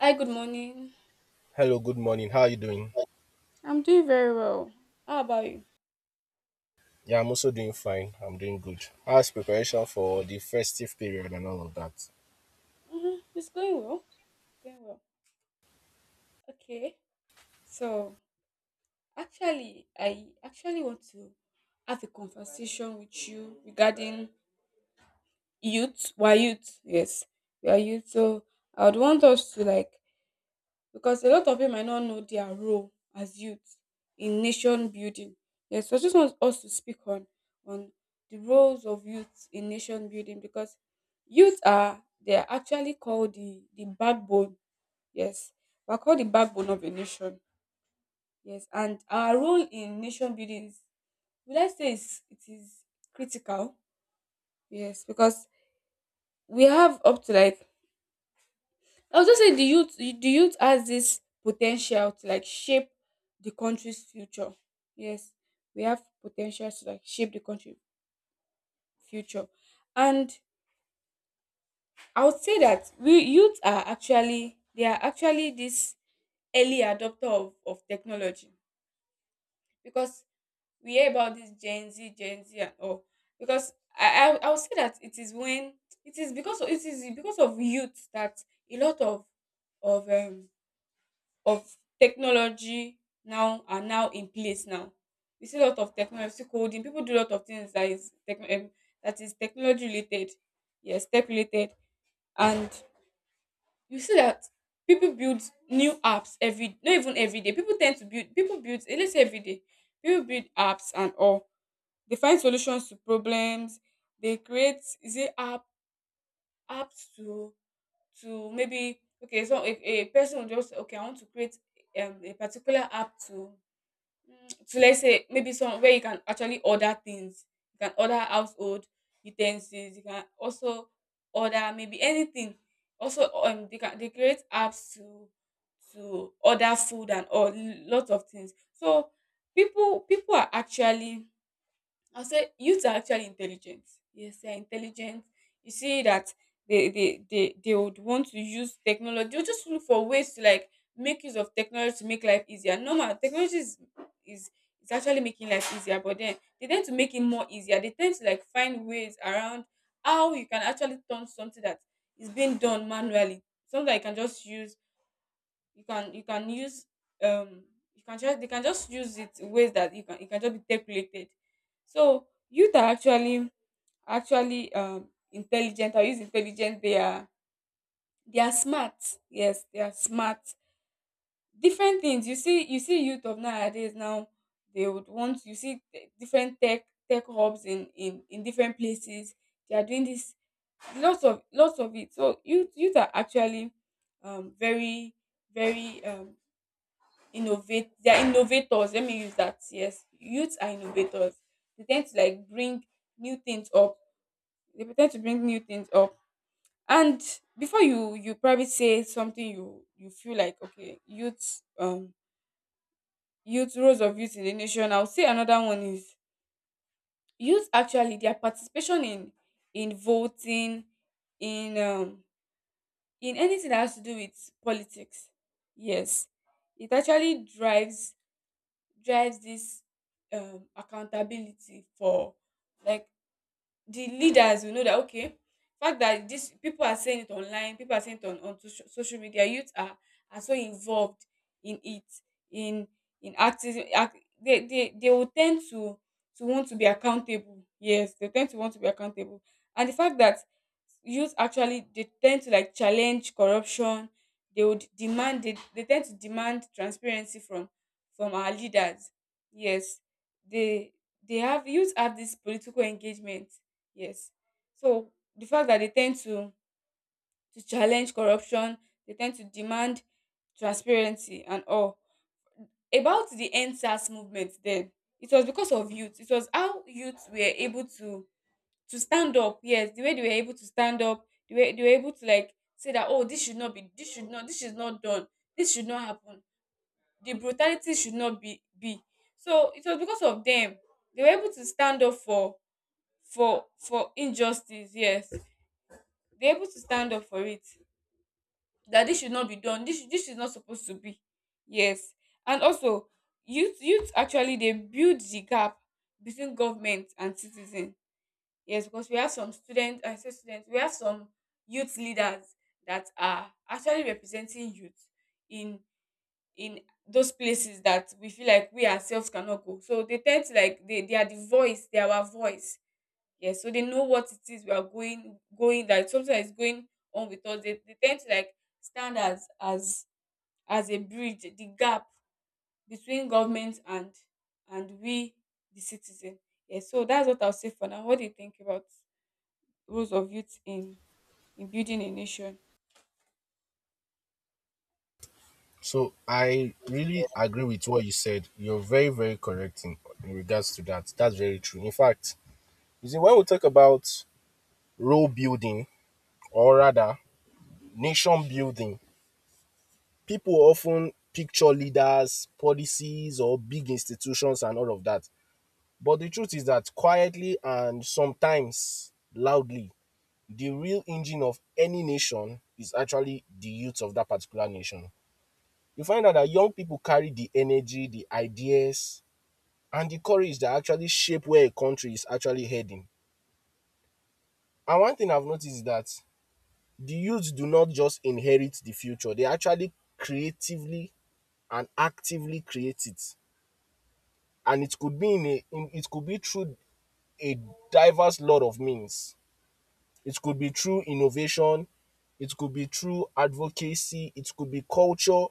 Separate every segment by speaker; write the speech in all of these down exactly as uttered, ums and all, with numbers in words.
Speaker 1: Hi, good morning.
Speaker 2: Hello, good morning. How are you doing?
Speaker 1: I'm doing very well. How about you?
Speaker 2: Yeah, I'm also doing fine. I'm doing good. How's preparation for the festive period and all of that?
Speaker 1: hmm It's going well. Going well. Okay. So, actually, I actually want to have a conversation with you regarding youth. Why youth? Yes, we are youth. So, I would want us to, like, because a lot of people might not know their role as youth in nation building. Yes, so I just want us to speak on on the roles of youth in nation building because youth are they are actually called the the backbone. Yes, we're called the backbone of a nation. Yes, and our role in nation building is, would I say is it is critical? Yes, because we have up to, like, I was just saying the youth the youth has this potential to, like, shape the country's future. Yes, we have potential to, like, shape the country future. And I would say that we youth are actually they are actually this early adopter of, of technology because we hear about this Gen Z, Gen Z and all. Because I, I I would say that it is when it is because of, it is because of youth that a lot of of um of technology now are now in place now. We see a lot of technology coding. People do a lot of things that is tech, um, that is technology related, yes, tech related, and you see that people build new apps every, not even every day. People tend to build, people build, eh, let's say every day. People build apps and all. They find solutions to problems. They create, is it app apps to to maybe, okay, so a, a person will just, okay, I want to create um, a particular app to, Mm, so let's say maybe some where you can actually order things. You can order household utensils. You can also order maybe anything. Also, um, they can, they create apps to to order food and all, lots of things. So people people are actually, I'll say youths are actually intelligent. Yes, they're intelligent. You see that they they they, they would want to use technology. They'll just look for ways to, like, make use of technology to make life easier. Normal technology is is is actually making life easier, but then they tend to make it more easier. They tend to, like, find ways around how you can actually turn something that is being done manually. Something that you can just use, you can you can use, um you can just, they can just use it in ways that you can, it can just be calculated. So youth are actually, actually, um intelligent or use intelligent, they are, they are smart. Yes, they are smart, different things. You see, you see youth of nowadays now, they would want, you see, te- different tech tech hubs in, in in different places. They are doing this, lots of, lots of it. So youth youth are actually um very, very, um innovate, they are innovators, let me use that. Yes, youths are innovators. They tend to, like, bring new things up. They pretend to bring new things up. And before you, you probably say something, you you feel like, okay, youth, um youth, roles of youth in the nation, I'll say another one is youth, actually their participation in in voting, in, um in anything that has to do with politics. Yes, it actually drives, drives this um accountability for, like, the leaders will know that, okay, fact that this people are saying it online, people are saying it on, on social, social media. Youth are are so involved in it, in in activism, act, they, they they will tend to to want to be accountable. Yes, they tend to want to be accountable. And the fact that youth actually, they tend to, like, challenge corruption. They would demand, they, they tend to demand transparency from from our leaders. Yes, they they have, youth have this political engagement. Yes. So the fact that they tend to to challenge corruption, they tend to demand transparency and all. About the N S A S movement then, it was because of youth. It was how youth were able to to stand up. Yes, the way they were able to stand up, the way they were able to, like, say that, oh, this should not be, this should not this is not done. This should not happen. The brutality should not be be. So it was because of them. They were able to stand up for, for for injustice. Yes, be able to stand up for it, that this should not be done, this this is not supposed to be. Yes, and also, youth youth actually, they build the gap between government and citizen. Yes, because we have some students, I say students, we have some youth leaders that are actually representing youth in in those places that we feel like we ourselves cannot go, so they tend to, like, they they are the voice, they are our voice. Yes, so they know what it is we are going, going, that something that is going on with us. They, they tend to, like, stand as, as as a bridge, the gap between government and and we, the citizen. Yes, so that's what I'll say for now. What do you think about roles of youth in in building a nation?
Speaker 2: So, I really agree with what you said. You're very, very correct in, in regards to that. That's very true. In fact, you see, when we talk about role building or rather nation building, people often picture leaders, policies, or big institutions and all of that. But the truth is that quietly and sometimes loudly, the real engine of any nation is actually the youth of that particular nation. You find out that young people carry the energy, the ideas, and the courage that actually shape where a country is actually heading. And one thing I've noticed is that the youth do not just inherit the future, they actually creatively and actively create it. And it could be in a in, it could be through a diverse lot of means. It could be through innovation, it could be through advocacy, it could be culture,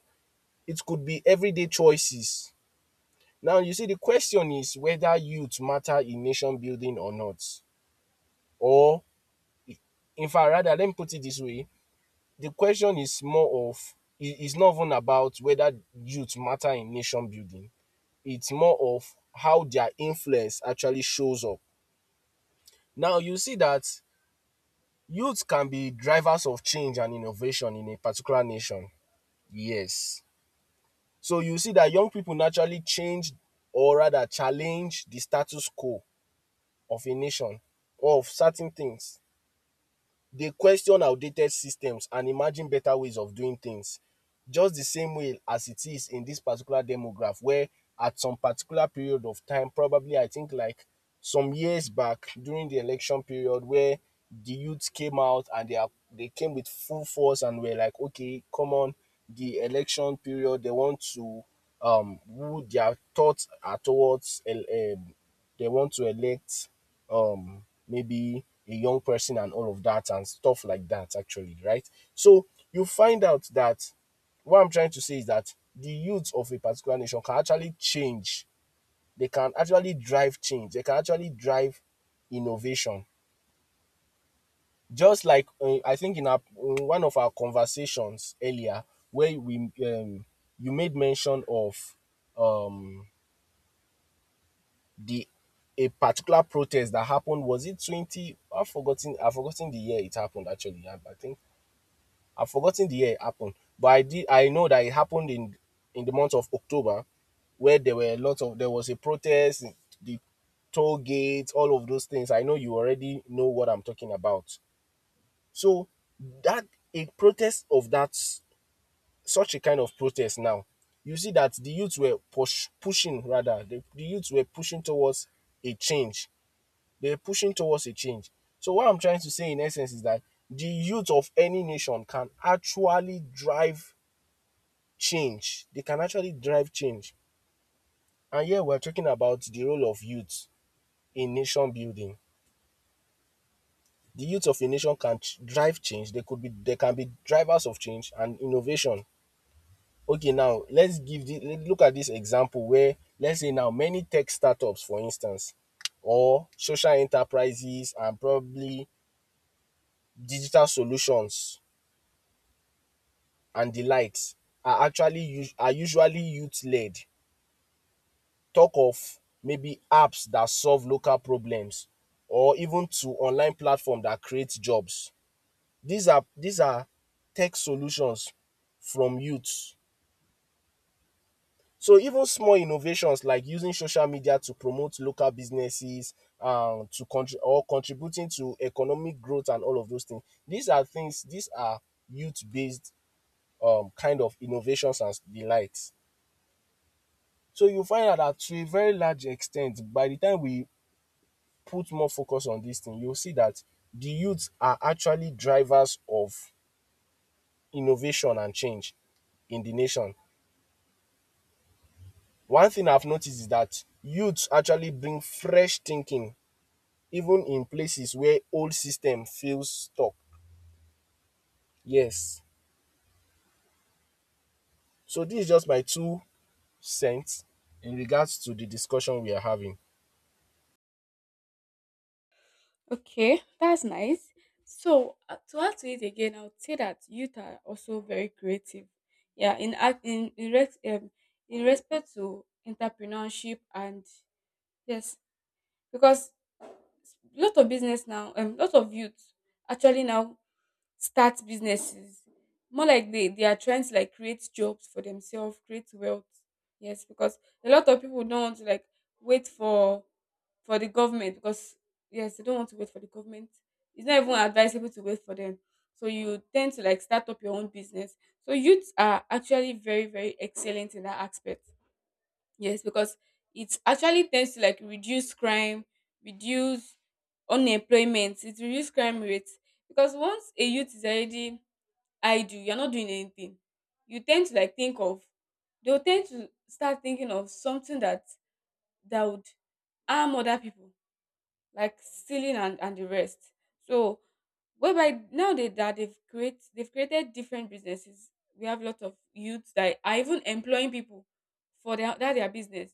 Speaker 2: it could be everyday choices. Now, you see, the question is whether youth matter in nation building or not. Or, in fact, rather, let me put it this way, the question is more of, it's not even about whether youth matter in nation building, it's more of how their influence actually shows up. Now, you see that youth can be drivers of change and innovation in a particular nation. Yes. So, you see that young people naturally change or rather challenge the status quo of a nation or of certain things. They question outdated systems and imagine better ways of doing things. Just the same way as it is in this particular demograph, where at some particular period of time, probably I think like some years back during the election period, where the youths came out and they are they came with full force and were like, okay, come on, the election period, they want to um who their thoughts are towards, um they want to elect, um maybe a young person and all of that and stuff like that, actually, right? So you find out that what i'm trying to say is that the youth of a particular nation can actually change, they can actually drive change, they can actually drive innovation. Just like, uh, I think in, our, in one of our conversations earlier where we, um, you made mention of, um the a particular protest that happened. Was it twenty? I've forgotten i've forgotten the year it happened. Actually, i, I think i've forgotten the year it happened, but i did i know that it happened in in the month of october where there were a lot of there was a protest, the toll gates, all of those things. I know you already know what i'm talking about. So that, a protest of that, such a kind of protest. Now you see that the youths were push, pushing, rather, the, the youths were pushing towards a change, they're pushing towards a change. So what I'm trying to say in essence is that the youth of any nation can actually drive change. They can actually drive change. And here we're talking about the role of youth in nation building. The youth of a nation can drive change. They could be they can be drivers of change and innovation. Okay, now let's give the let- look at this example where let's say now many tech startups, for instance, or social enterprises and probably digital solutions and the likes are actually are usually youth led. Talk of maybe apps that solve local problems or even to online platforms that create jobs. These are these are tech solutions from youths. So even small innovations like using social media to promote local businesses, um to contri- or contributing to economic growth and all of those things. These are things, these are youth based um kind of innovations and the likes. So you find out that to a very large extent, by the time we put more focus on this thing, you'll see that the youths are actually drivers of innovation and change in the nation. One thing I've noticed is that youths actually bring fresh thinking, even in places where old system feels stuck. Yes. So this is just my two cents in regards to the discussion we are having.
Speaker 1: Okay, that's nice. So uh, to add to it again, I would say that youth are also very creative. Yeah, in act in in, res- um, in respect to entrepreneurship and, yes, because a lot of business now, um, lot of youth actually now start businesses. More like they they are trying to, like, create jobs for themselves, create wealth. Yes, because a lot of people don't want to, like, wait for for the government because, yes, they don't want to wait for the government. It's not even advisable to wait for them. So you tend to, like, start up your own business. So youths are actually very, very excellent in that aspect. Yes, because it actually tends to, like, reduce crime, reduce unemployment, it reduces crime rates. Because once a youth is already idle, you're not doing anything. You tend to, like, think of, they'll tend to start thinking of something that, that would harm other people, like stealing and, and the rest. So whereby nowadays that they've create they've created different businesses. We have a lot of youths that are even employing people for their that their business.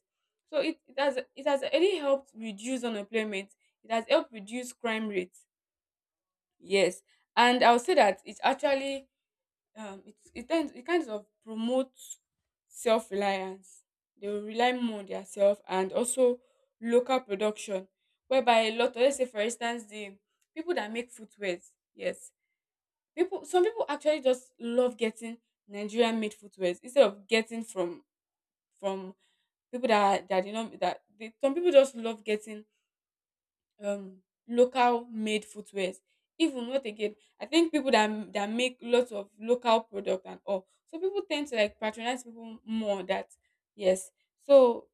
Speaker 1: So it, it has, it has really helped reduce unemployment. It has helped reduce crime rates. Yes, and I'll say that it's actually, um it, it tends, it kind of promotes self reliance. They will rely more on their self, and also local production, whereby a lot of, let's say, for instance, the people that make footwear. Yes, people, some people actually just love getting Nigerian made footwears instead of getting from from people that are- that, you know, that they, some people just love getting um local made footwears. Even what again, I think people that that make lots of local product and all, so people tend to, like, patronize people more that. Yes, so,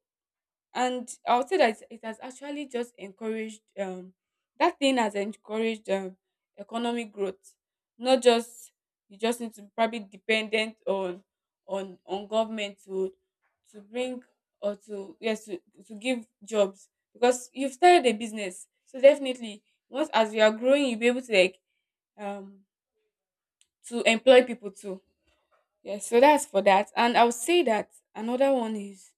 Speaker 1: and I would say that it has actually just encouraged, um that thing has encouraged um economic growth, not just, you just need to be probably dependent on, on on government to to bring, or to, yes, to, to give jobs, because you've started a business, so definitely, once as you are growing, you'll be able to, like, um to employ people too. Yes, so that's for that. And I would say that another one is,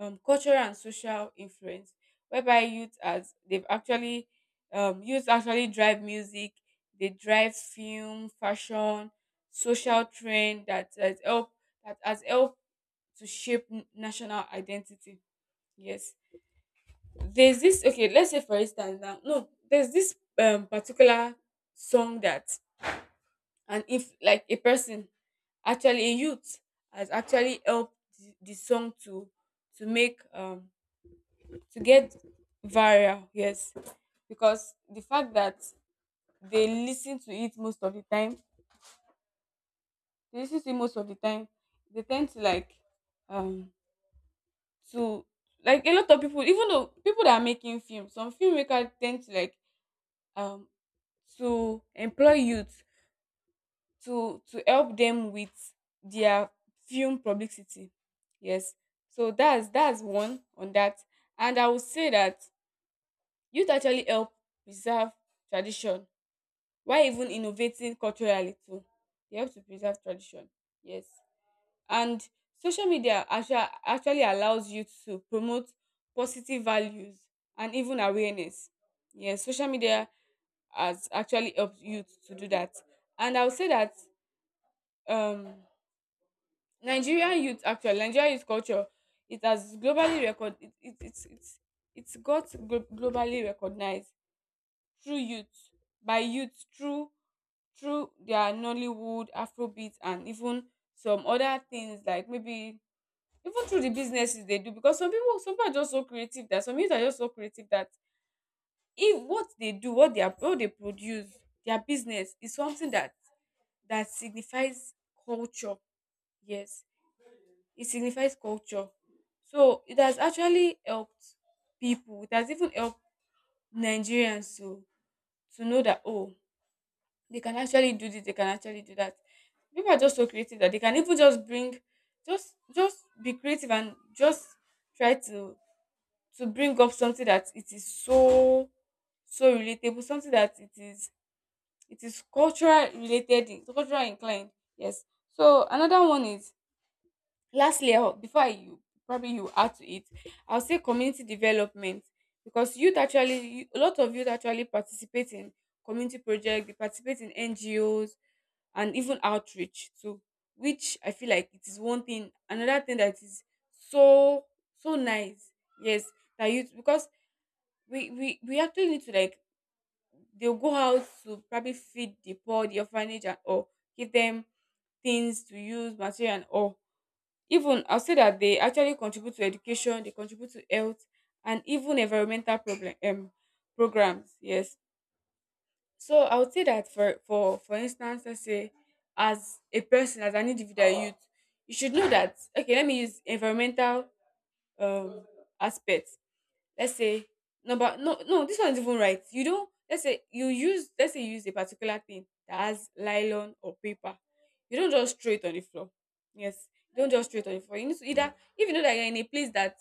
Speaker 1: um, cultural and social influence, whereby youth as they've actually, um, youth actually drive music, they drive film, fashion, social trend that has helped, that has helped to shape n- national identity. Yes, there's this, okay, let's say for instance now, no, there's this, um, particular song that, and if, like, a person, actually a youth, has actually helped the, the song to to make, um to get viral. Yes, because the fact that they listen to it most of the time, they listen to it most of the time, they tend to, like, um to, like, a lot of people, even though people that are making films, some filmmakers tend to, like, um to employ youth to to help them with their film publicity. Yes, so that's that's one on that. And I would say that youth actually help preserve tradition. Why even innovating culturally too. You have to preserve tradition. Yes. And social media actua- actually allows you to promote positive values and even awareness. Yes, social media has actually helped youth to do that. And I would say that um Nigerian youth actually, Nigerian youth culture, it has globally record it, it, it's it's it's got glo- globally recognized through youth, by youth, through through their Nollywood, Afrobeat, and even some other things like maybe even through the businesses they do, because some people some people are just so creative that some youth are just so creative that if what they do, what they are what they produce, their business is something that that signifies culture. Yes. It signifies culture. So it has actually helped people. It has even helped Nigerians to to know that, oh, they can actually do this, they can actually do that. People are just so creative that they can even just bring, just just be creative and just try to to bring up something that it is so, so relatable, something that it is, it is cultural related, it's cultural inclined. Yes. So another one is, lastly, I'll- before I, you probably you add to it, I'll say community development, because youth actually you- a lot of youth actually participate in community projects, they participate in N G Os, and even outreach too, which I feel like it is one thing, another thing that is so, so nice, yes, that you because we we we actually need to, like, they'll go out to probably feed the poor, the orphanage, and or give them things to use, material and all. Even I'll say that they actually contribute to education, they contribute to health, and even environmental problem um programs. Yes. So I would say that, for for for instance, let's say as a person, as an individual youth, you should know that, okay, let me use environmental um aspect. Let's say no but no no this one is even right, you don't, let's say you use, let's say you use a particular thing that has nylon or paper, you don't just throw it on the floor. Yes, you don't just throw it on the floor. You need to either, if you know that you're in a place that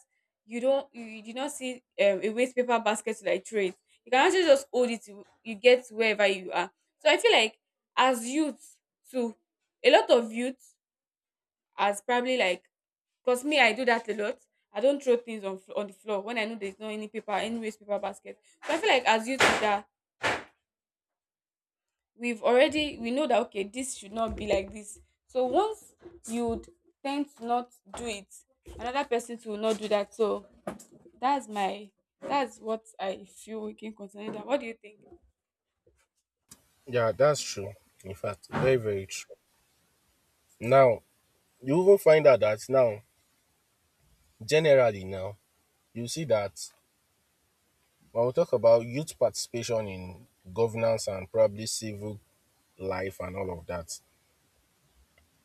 Speaker 1: you don't, you, you do not see um, a waste paper basket to like throw it, you can actually just hold it till you get to wherever you are. So I feel like as youth too, a lot of youth, as probably like, because me, I do that a lot. I don't throw things on fl- on the floor when I know there's not any paper, any wastepaper basket. So I feel like as youth that we've already we know that, okay, this should not be like this. So once you d- tend to not do it, another person too will not do that. So that's my that's what I feel we can concerning that. What do you think?
Speaker 2: Yeah, that's true. In fact, very, very true. Now, you even find out that now generally now, you see that when we talk about youth participation in governance and probably civil life and all of that,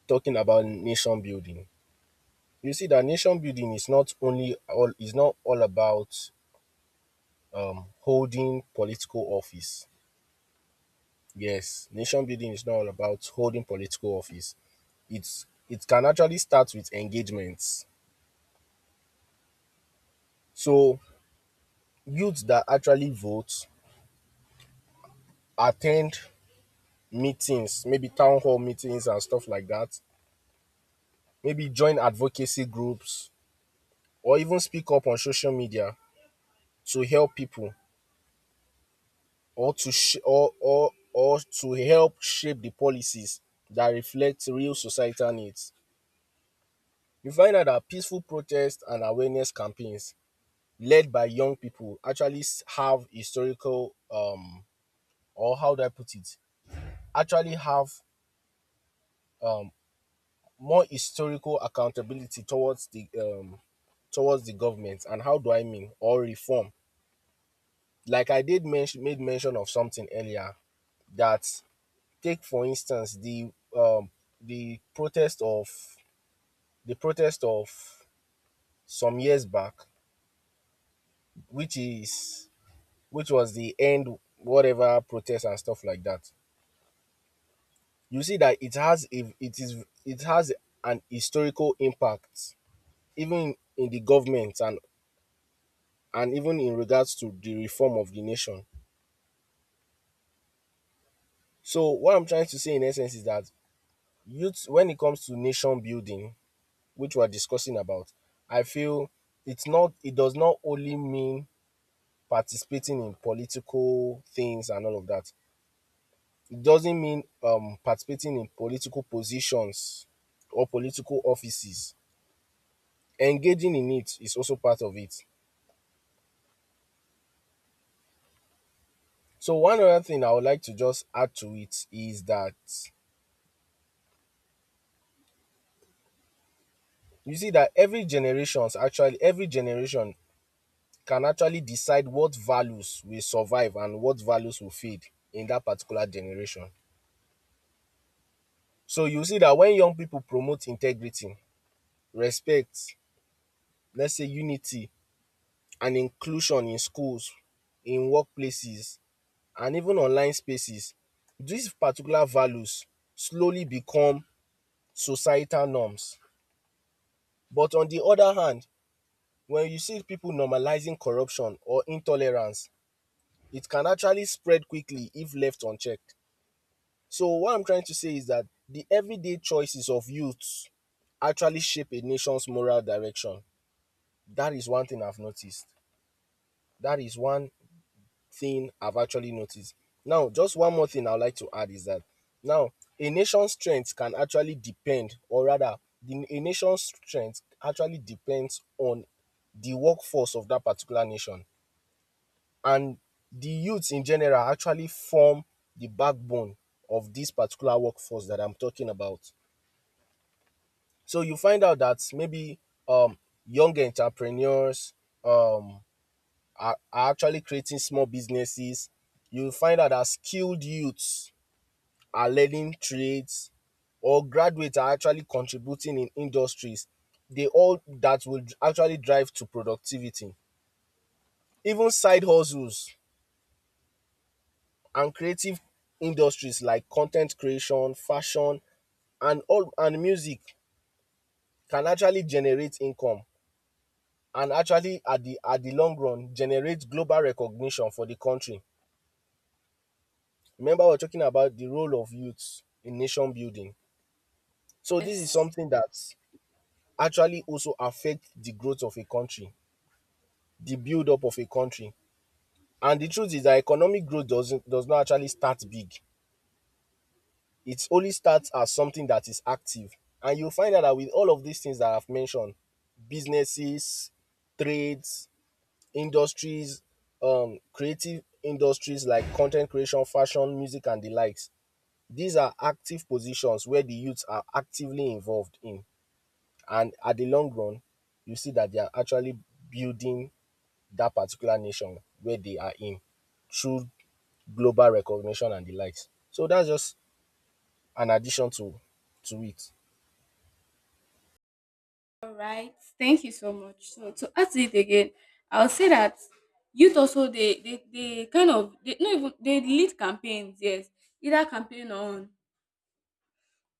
Speaker 2: talking about nation building, you see that nation building is not only all is not all about, um, holding political office. Yes, nation building is not all about holding political office. It's it can actually start with engagements. So youths that actually vote, attend meetings, maybe town hall meetings and stuff like that, maybe join advocacy groups or even speak up on social media to help people or to sh- or, or or to help shape the policies that reflect real societal needs. You find out that peaceful protests and awareness campaigns led by young people actually s- have historical, um or how do I put it, actually have um more historical accountability towards the, um towards the government, and how do I mean, or reform, like I did mention made mention of something earlier, that take for instance the, um the protest of the protest of some years back, which is which was the end whatever protest and stuff like that. You see that it has a it is it has an historical impact even in the government and and even in regards to the reform of the nation. So what I'm trying to say in essence is that youth, when it comes to nation building, which we're discussing about, I feel it's not it does not only mean participating in political things and all of that. It doesn't mean um participating in political positions or political offices. Engaging in it is also part of it. So one other thing I would like to just add to it is that you see that every generations actually every generation can actually decide what values will survive and what values will fade in that particular generation. So you see that when young people promote integrity, respect, let's say unity and inclusion, in schools, in workplaces and even online spaces, these particular values slowly become societal norms. But on the other hand, when you see people normalizing corruption or intolerance, it can actually spread quickly if left unchecked. So what I'm trying to say is that the everyday choices of youths actually shape a nation's moral direction. That is one thing I've noticed. That is one thing I've actually noticed. Now, just one more thing I'd like to add is that now a nation's strength can actually depend, or rather, the, a nation's strength actually depends on the workforce of that particular nation. And the youths in general actually form the backbone of this particular workforce that I'm talking about. So you find out that maybe, um, young entrepreneurs, um, are, are actually creating small businesses, you'll find out that skilled youths are learning trades or graduates are actually contributing in industries. They, all that will actually drive to productivity. Even side hustles and creative industries like content creation, fashion, and all, and music, can actually generate income and actually at the at the long run generate global recognition for the country. Remember, we are talking about the role of youth in nation building. So this is
Speaker 1: Yes.
Speaker 2: something that actually also affects the growth of a country, the build up of a country. And the truth is that economic growth doesn't does not actually start big. It only starts as something that is active. And you'll find out that with all of these things that I've mentioned, businesses, trades, industries, um, creative industries like content creation, fashion, music, and the likes. These are active positions where the youths are actively involved in. And at the long run, you see that they are actually building that particular nation where they are in, through global recognition and the likes. So that's just an addition to to it.
Speaker 1: All right, thank you so much. So to add to it again, I'll say that youth also, they they, they kind of they no even they lead campaigns, yes. Either campaign on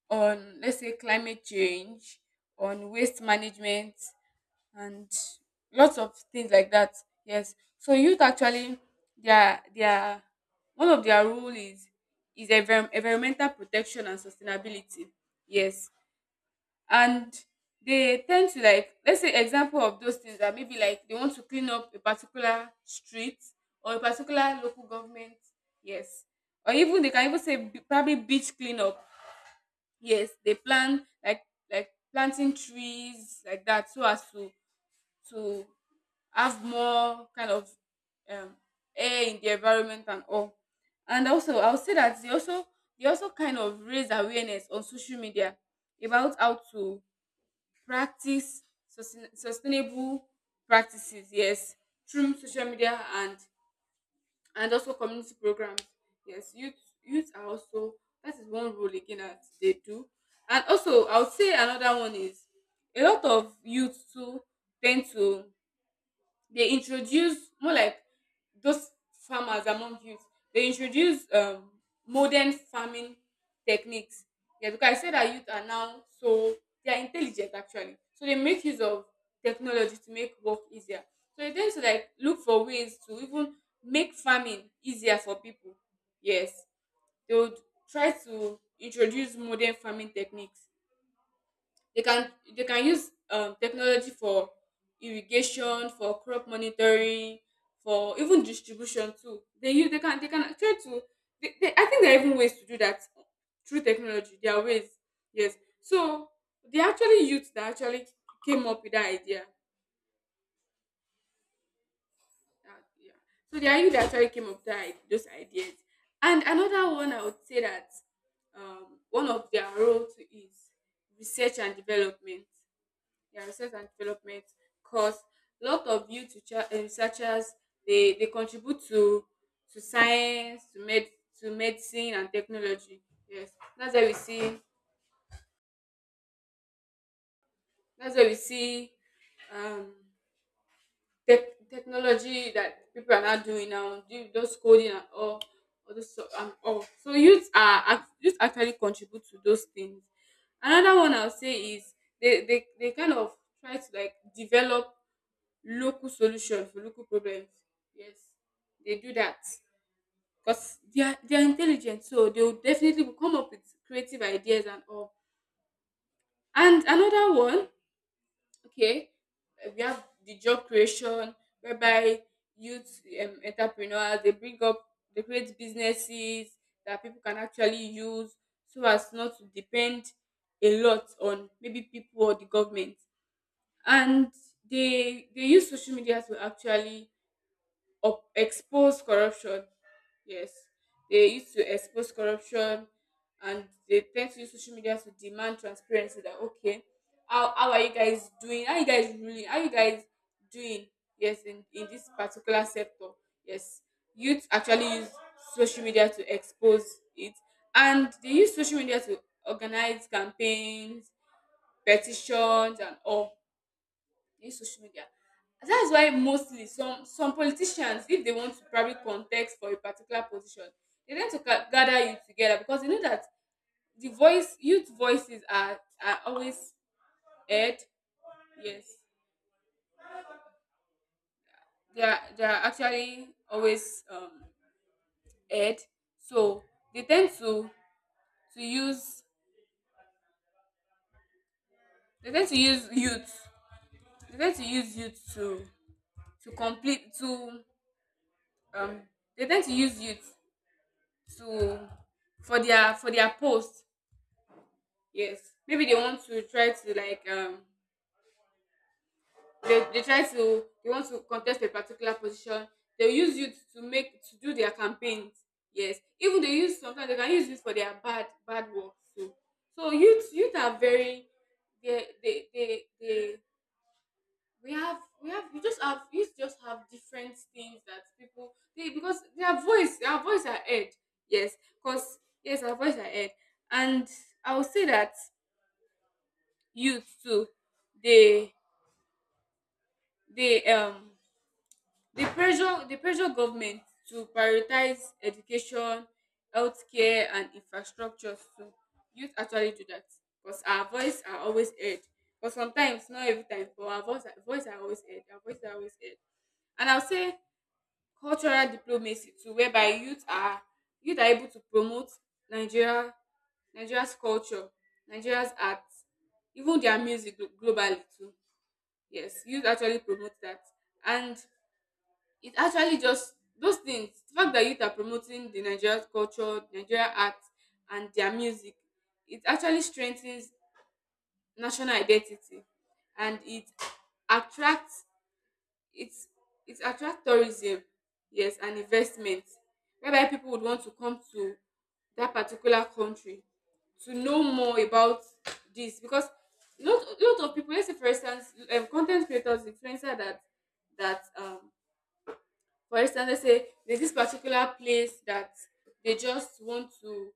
Speaker 1: on let's say climate change, on waste management, and lots of things like that. Yes. So youth actually, their their one of their role is is envir- environmental protection and sustainability. Yes. And they tend to, like, let's say, example of those things that maybe like they want to clean up a particular street or a particular local government, yes, or even they can even say b- probably beach cleanup. Yes, they plan like like planting trees like that so as to to have more kind of um, air in the environment and all. And also I would say that they also, they also kind of raise awareness on social media about how to practice sustain sustainable practices, yes, through social media and and also community programs. Yes, youth youth are also, that is one role again that they do. And also I would say another one is, a lot of youth too tend to, they introduce more like, those farmers among youth, they introduce um modern farming techniques. Yeah, because I said that youth are now so, they are intelligent actually, so they make use of technology to make work easier. So they tend to, like, look for ways to even make farming easier for people. Yes, they would try to introduce modern farming techniques. they can they can use um, technology for irrigation, for crop monitoring, for even distribution too. They use, they can they can try to. They, they, I think there are even ways to do that through technology. There are ways. Yes. So they actually youth that actually came up with that idea. That, yeah. So they are youth that actually came up with that, i- those ideas. And another one I would say that, um, one of their role too is research and development. Yeah, research and development, because a lot of youth recha- eh, researchers, they, they contribute to to science, to med to medicine and technology. Yes, that's why we see that's why we see um tech technology that people are now doing, now do those coding and all all those so- and all so youth are act- youth actually contribute to those things. Another one I'll say is, they they, they kind of try to, like, develop local solution for local problems. Yes, they do that because they are they are intelligent, so they will definitely will come up with creative ideas and all. And another one, okay, uh, we have the job creation, whereby youth, um, entrepreneurs, they bring up, they create businesses that people can actually use so as not to depend a lot on maybe people or the government. And they they use social media to actually up, expose corruption. Yes, they used to expose corruption, and they tend to use social media to demand transparency. That okay, how, how are you guys doing? How you guys ruling? How you guys doing? Yes, in in this particular sector. Yes, youth actually use social media to expose it, and they use social media to organize campaigns, petitions, and all in social media. That's why mostly some some politicians, if they want to probably context for a particular position, they tend to ga- gather you together, because they know that the voice youth voices are are always heard. Yes, they are they are actually always um heard. So they tend to to use they tend to use youth they tend to use youth to to complete to um they tend to use youth to for their for their post. Yes. Maybe they want to try to, like, um they, they try to they want to contest a particular position. They'll use you to make to do their campaigns. Yes. Even they use, sometimes they can use this for their bad bad work too. So youth youth are very, they they they, they we have, we have we just have youth, just have different things that people they, because their voice their voice are heard. Yes. Because, yes, our voice are heard. And I will say that youth too, they, the um the pressure, the pressure government to prioritize education, healthcare, and infrastructure. So youth actually do that, because our voice are always heard, but sometimes, not every time, but our voice voice are always heard, our voice are always heard. And I'll say cultural diplomacy too, whereby youth are youth are able to promote nigeria Nigeria's culture, Nigeria's art, even their music glo- globally too. Yes, youth actually promote that. And it actually just, those things, the fact that youth are promoting the Nigerian culture, Nigerian art, and their music, it actually strengthens national identity, and it attracts, it's it attracts tourism, yes, and investment, whereby people would want to come to that particular country to know more about this. Because lot lot of people, let's say, for instance, um content creators, influencer, that that um for instance, let's say there's this particular place that they just want to,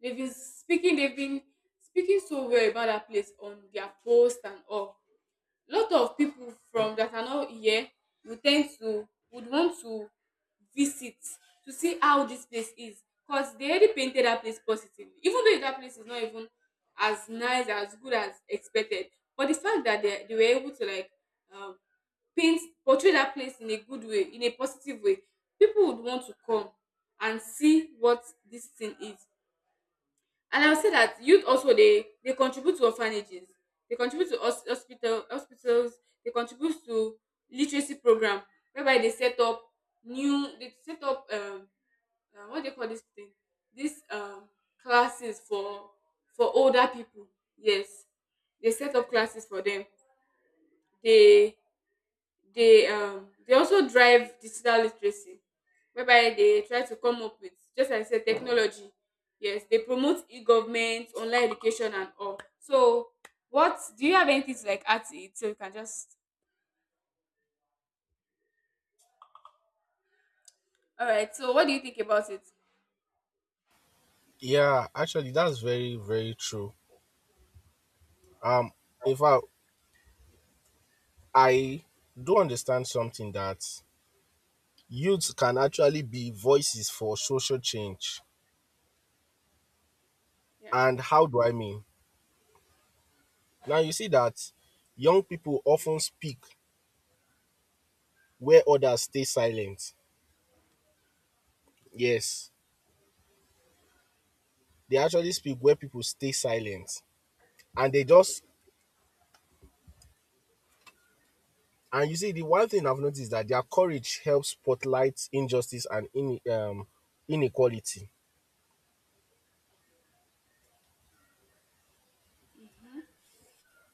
Speaker 1: they've been speaking, they've been speaking so well about that place on their post and all. Lot of people from that are not here would tend to, would want to visit to see how this place is, because they already painted that place positively, even though that place is not even as nice, as good as expected. But the fact that they, they were able to, like, um, paint portray that place in a good way, in a positive way, people would want to come and see what this thing is. And I would say that youth also, they they contribute to orphanages, they contribute to hos- hospital hospitals, they contribute to literacy program, whereby they set up new they set up um uh, what do they call this thing, this um classes for for older people. Yes, they set up classes for them. They, they um they also drive digital literacy, whereby they try to come up with, just like I said, technology. Yes, they promote e-government, online education, and all. So what do you, have anything to like add to it, so you can just, all right, so what do you think about it?
Speaker 2: Yeah, actually, that's very, very true. Um, in fact, I do understand something, that youths can actually be voices for social change.
Speaker 1: Yeah.
Speaker 2: And how do I mean? Now you see that young people often speak where others stay silent. Yes, they actually speak where people stay silent. And they just, and you see, the one thing I've noticed is that their courage helps spotlight injustice and in, um, inequality.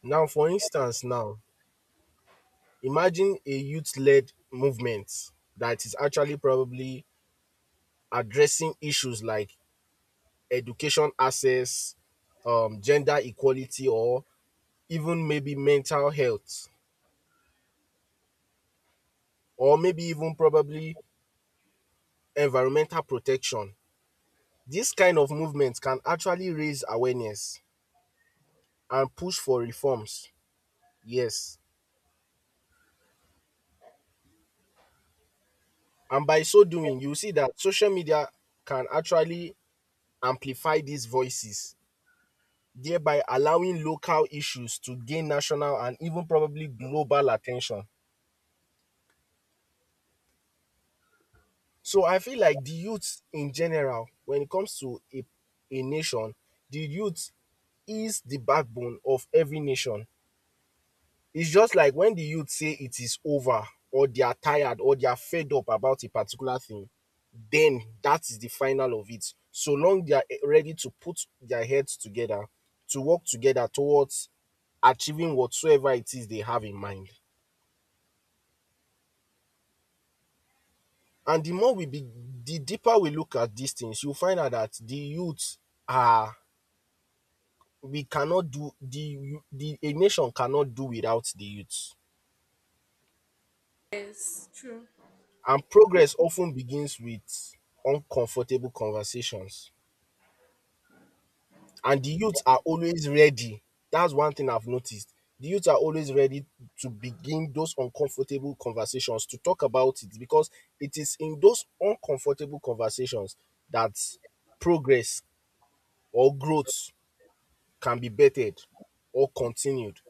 Speaker 2: Now, for instance, now imagine a youth-led movement that is actually probably addressing issues like education access, um, gender equality, or even maybe mental health, or maybe even probably environmental protection. This kind of movement can actually raise awareness and push for reforms. Yes. And by so doing, you see that social media can actually amplify these voices, thereby allowing local issues to gain national and even probably global attention. So I feel like the youth in general, when it comes to a, a nation, the youth is the backbone of every nation. It's just like when the youth say it is over or they are tired or they are fed up about a particular thing, then that is the final of it. So long they are eh, ready to put their heads together, to work together towards achieving whatsoever it is they have in mind. And the more we be, the deeper we look at these things, you find out that the youth are, we cannot do, the, the, a nation cannot do without the youth.
Speaker 1: Yes, true.
Speaker 2: And progress often begins with uncomfortable conversations. And the youth are always ready. That's one thing I've noticed. The youth are always ready to begin those uncomfortable conversations, to talk about it, because it is in those uncomfortable conversations that progress or growth can be bettered or continued.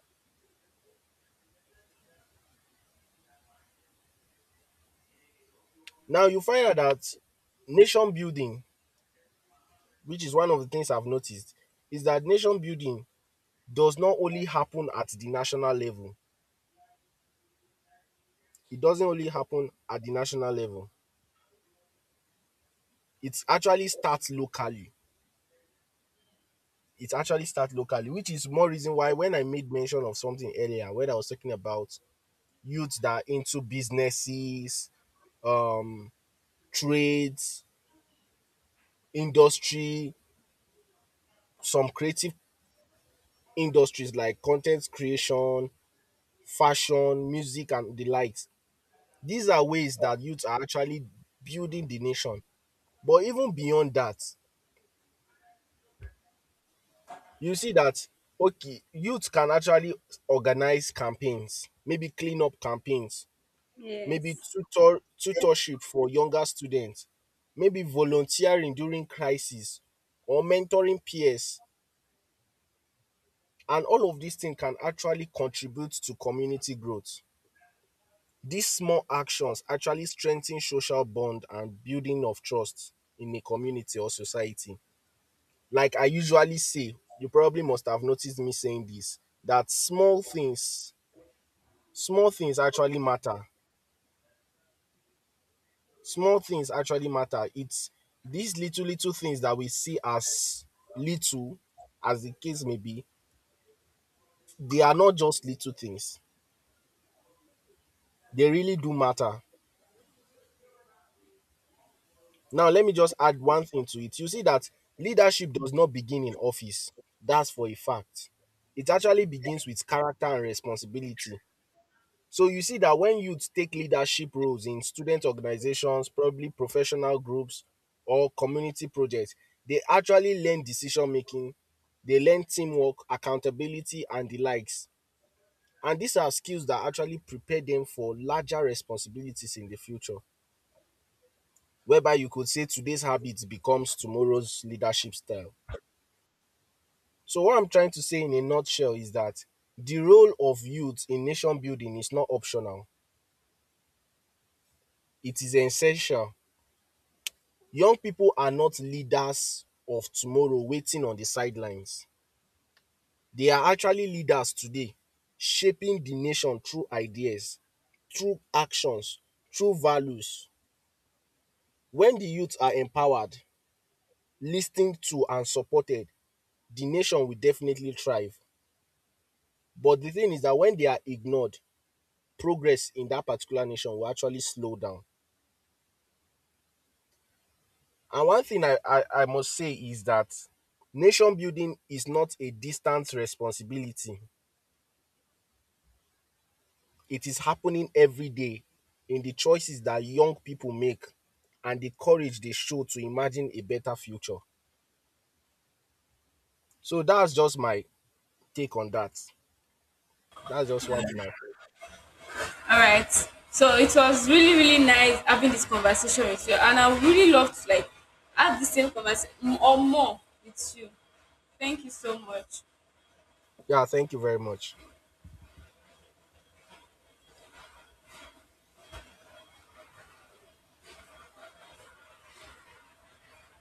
Speaker 2: Now, you find out that nation building, which is one of the things I've noticed, is that nation building does not only happen at the national level. It doesn't only happen at the national level. It actually starts locally. It actually starts locally, which is more reason why when I made mention of something earlier, when I was talking about youths that are into businesses, um, trades, industry, some creative industries like content creation, fashion, music, and the likes. These are ways that youths are actually building the nation. But even beyond that, you see that okay, youth can actually organize campaigns, maybe clean up campaigns, maybe
Speaker 1: Yes.
Speaker 2: tutor tutorship for younger students, maybe volunteering during crisis or mentoring peers. And all of these things can actually contribute to community growth. These small actions actually strengthen social bond and building of trust in a community or society. Like I usually say, you probably must have noticed me saying this, that small things, small things actually matter. Small things actually matter. It's these little little things that we see as little, as the case may be, they are not just little things, they really do matter. Now let me just add one thing to it. You see that leadership does not begin in office. That's for a fact. It actually begins with character and responsibility. So you see that when youth take leadership roles in student organizations, probably professional groups or community projects, they actually learn decision making, they learn teamwork, accountability, and the likes. And these are skills that actually prepare them for larger responsibilities in the future, whereby you could say today's habits becomes tomorrow's leadership style. So what I'm trying to say in a nutshell is that the role of youth in nation building is not optional. It is essential. Young pipo are not leaders of tomorrow waiting on di sidelines. They are actually leaders today, shaping di nation through ideas, through actions, through values. Wen di youth are empowered, lis ten ed to and supported, di nation will definitely thrive. But di thing is dat wen they are ignored, progress in dat particular nation will actually slow down. And one thing i i i must say is dat nation building is not a distant responsibility. It is happening every day in the choices that young people make and the courage they show to imagine a better future. So that's just my take on that. That's just one thing. I,
Speaker 1: All right. So it was really, really nice having this conversation with you, and I would really love to, like, have the same conversation or more with you. Thank you so much.
Speaker 2: yeah, thank you very much.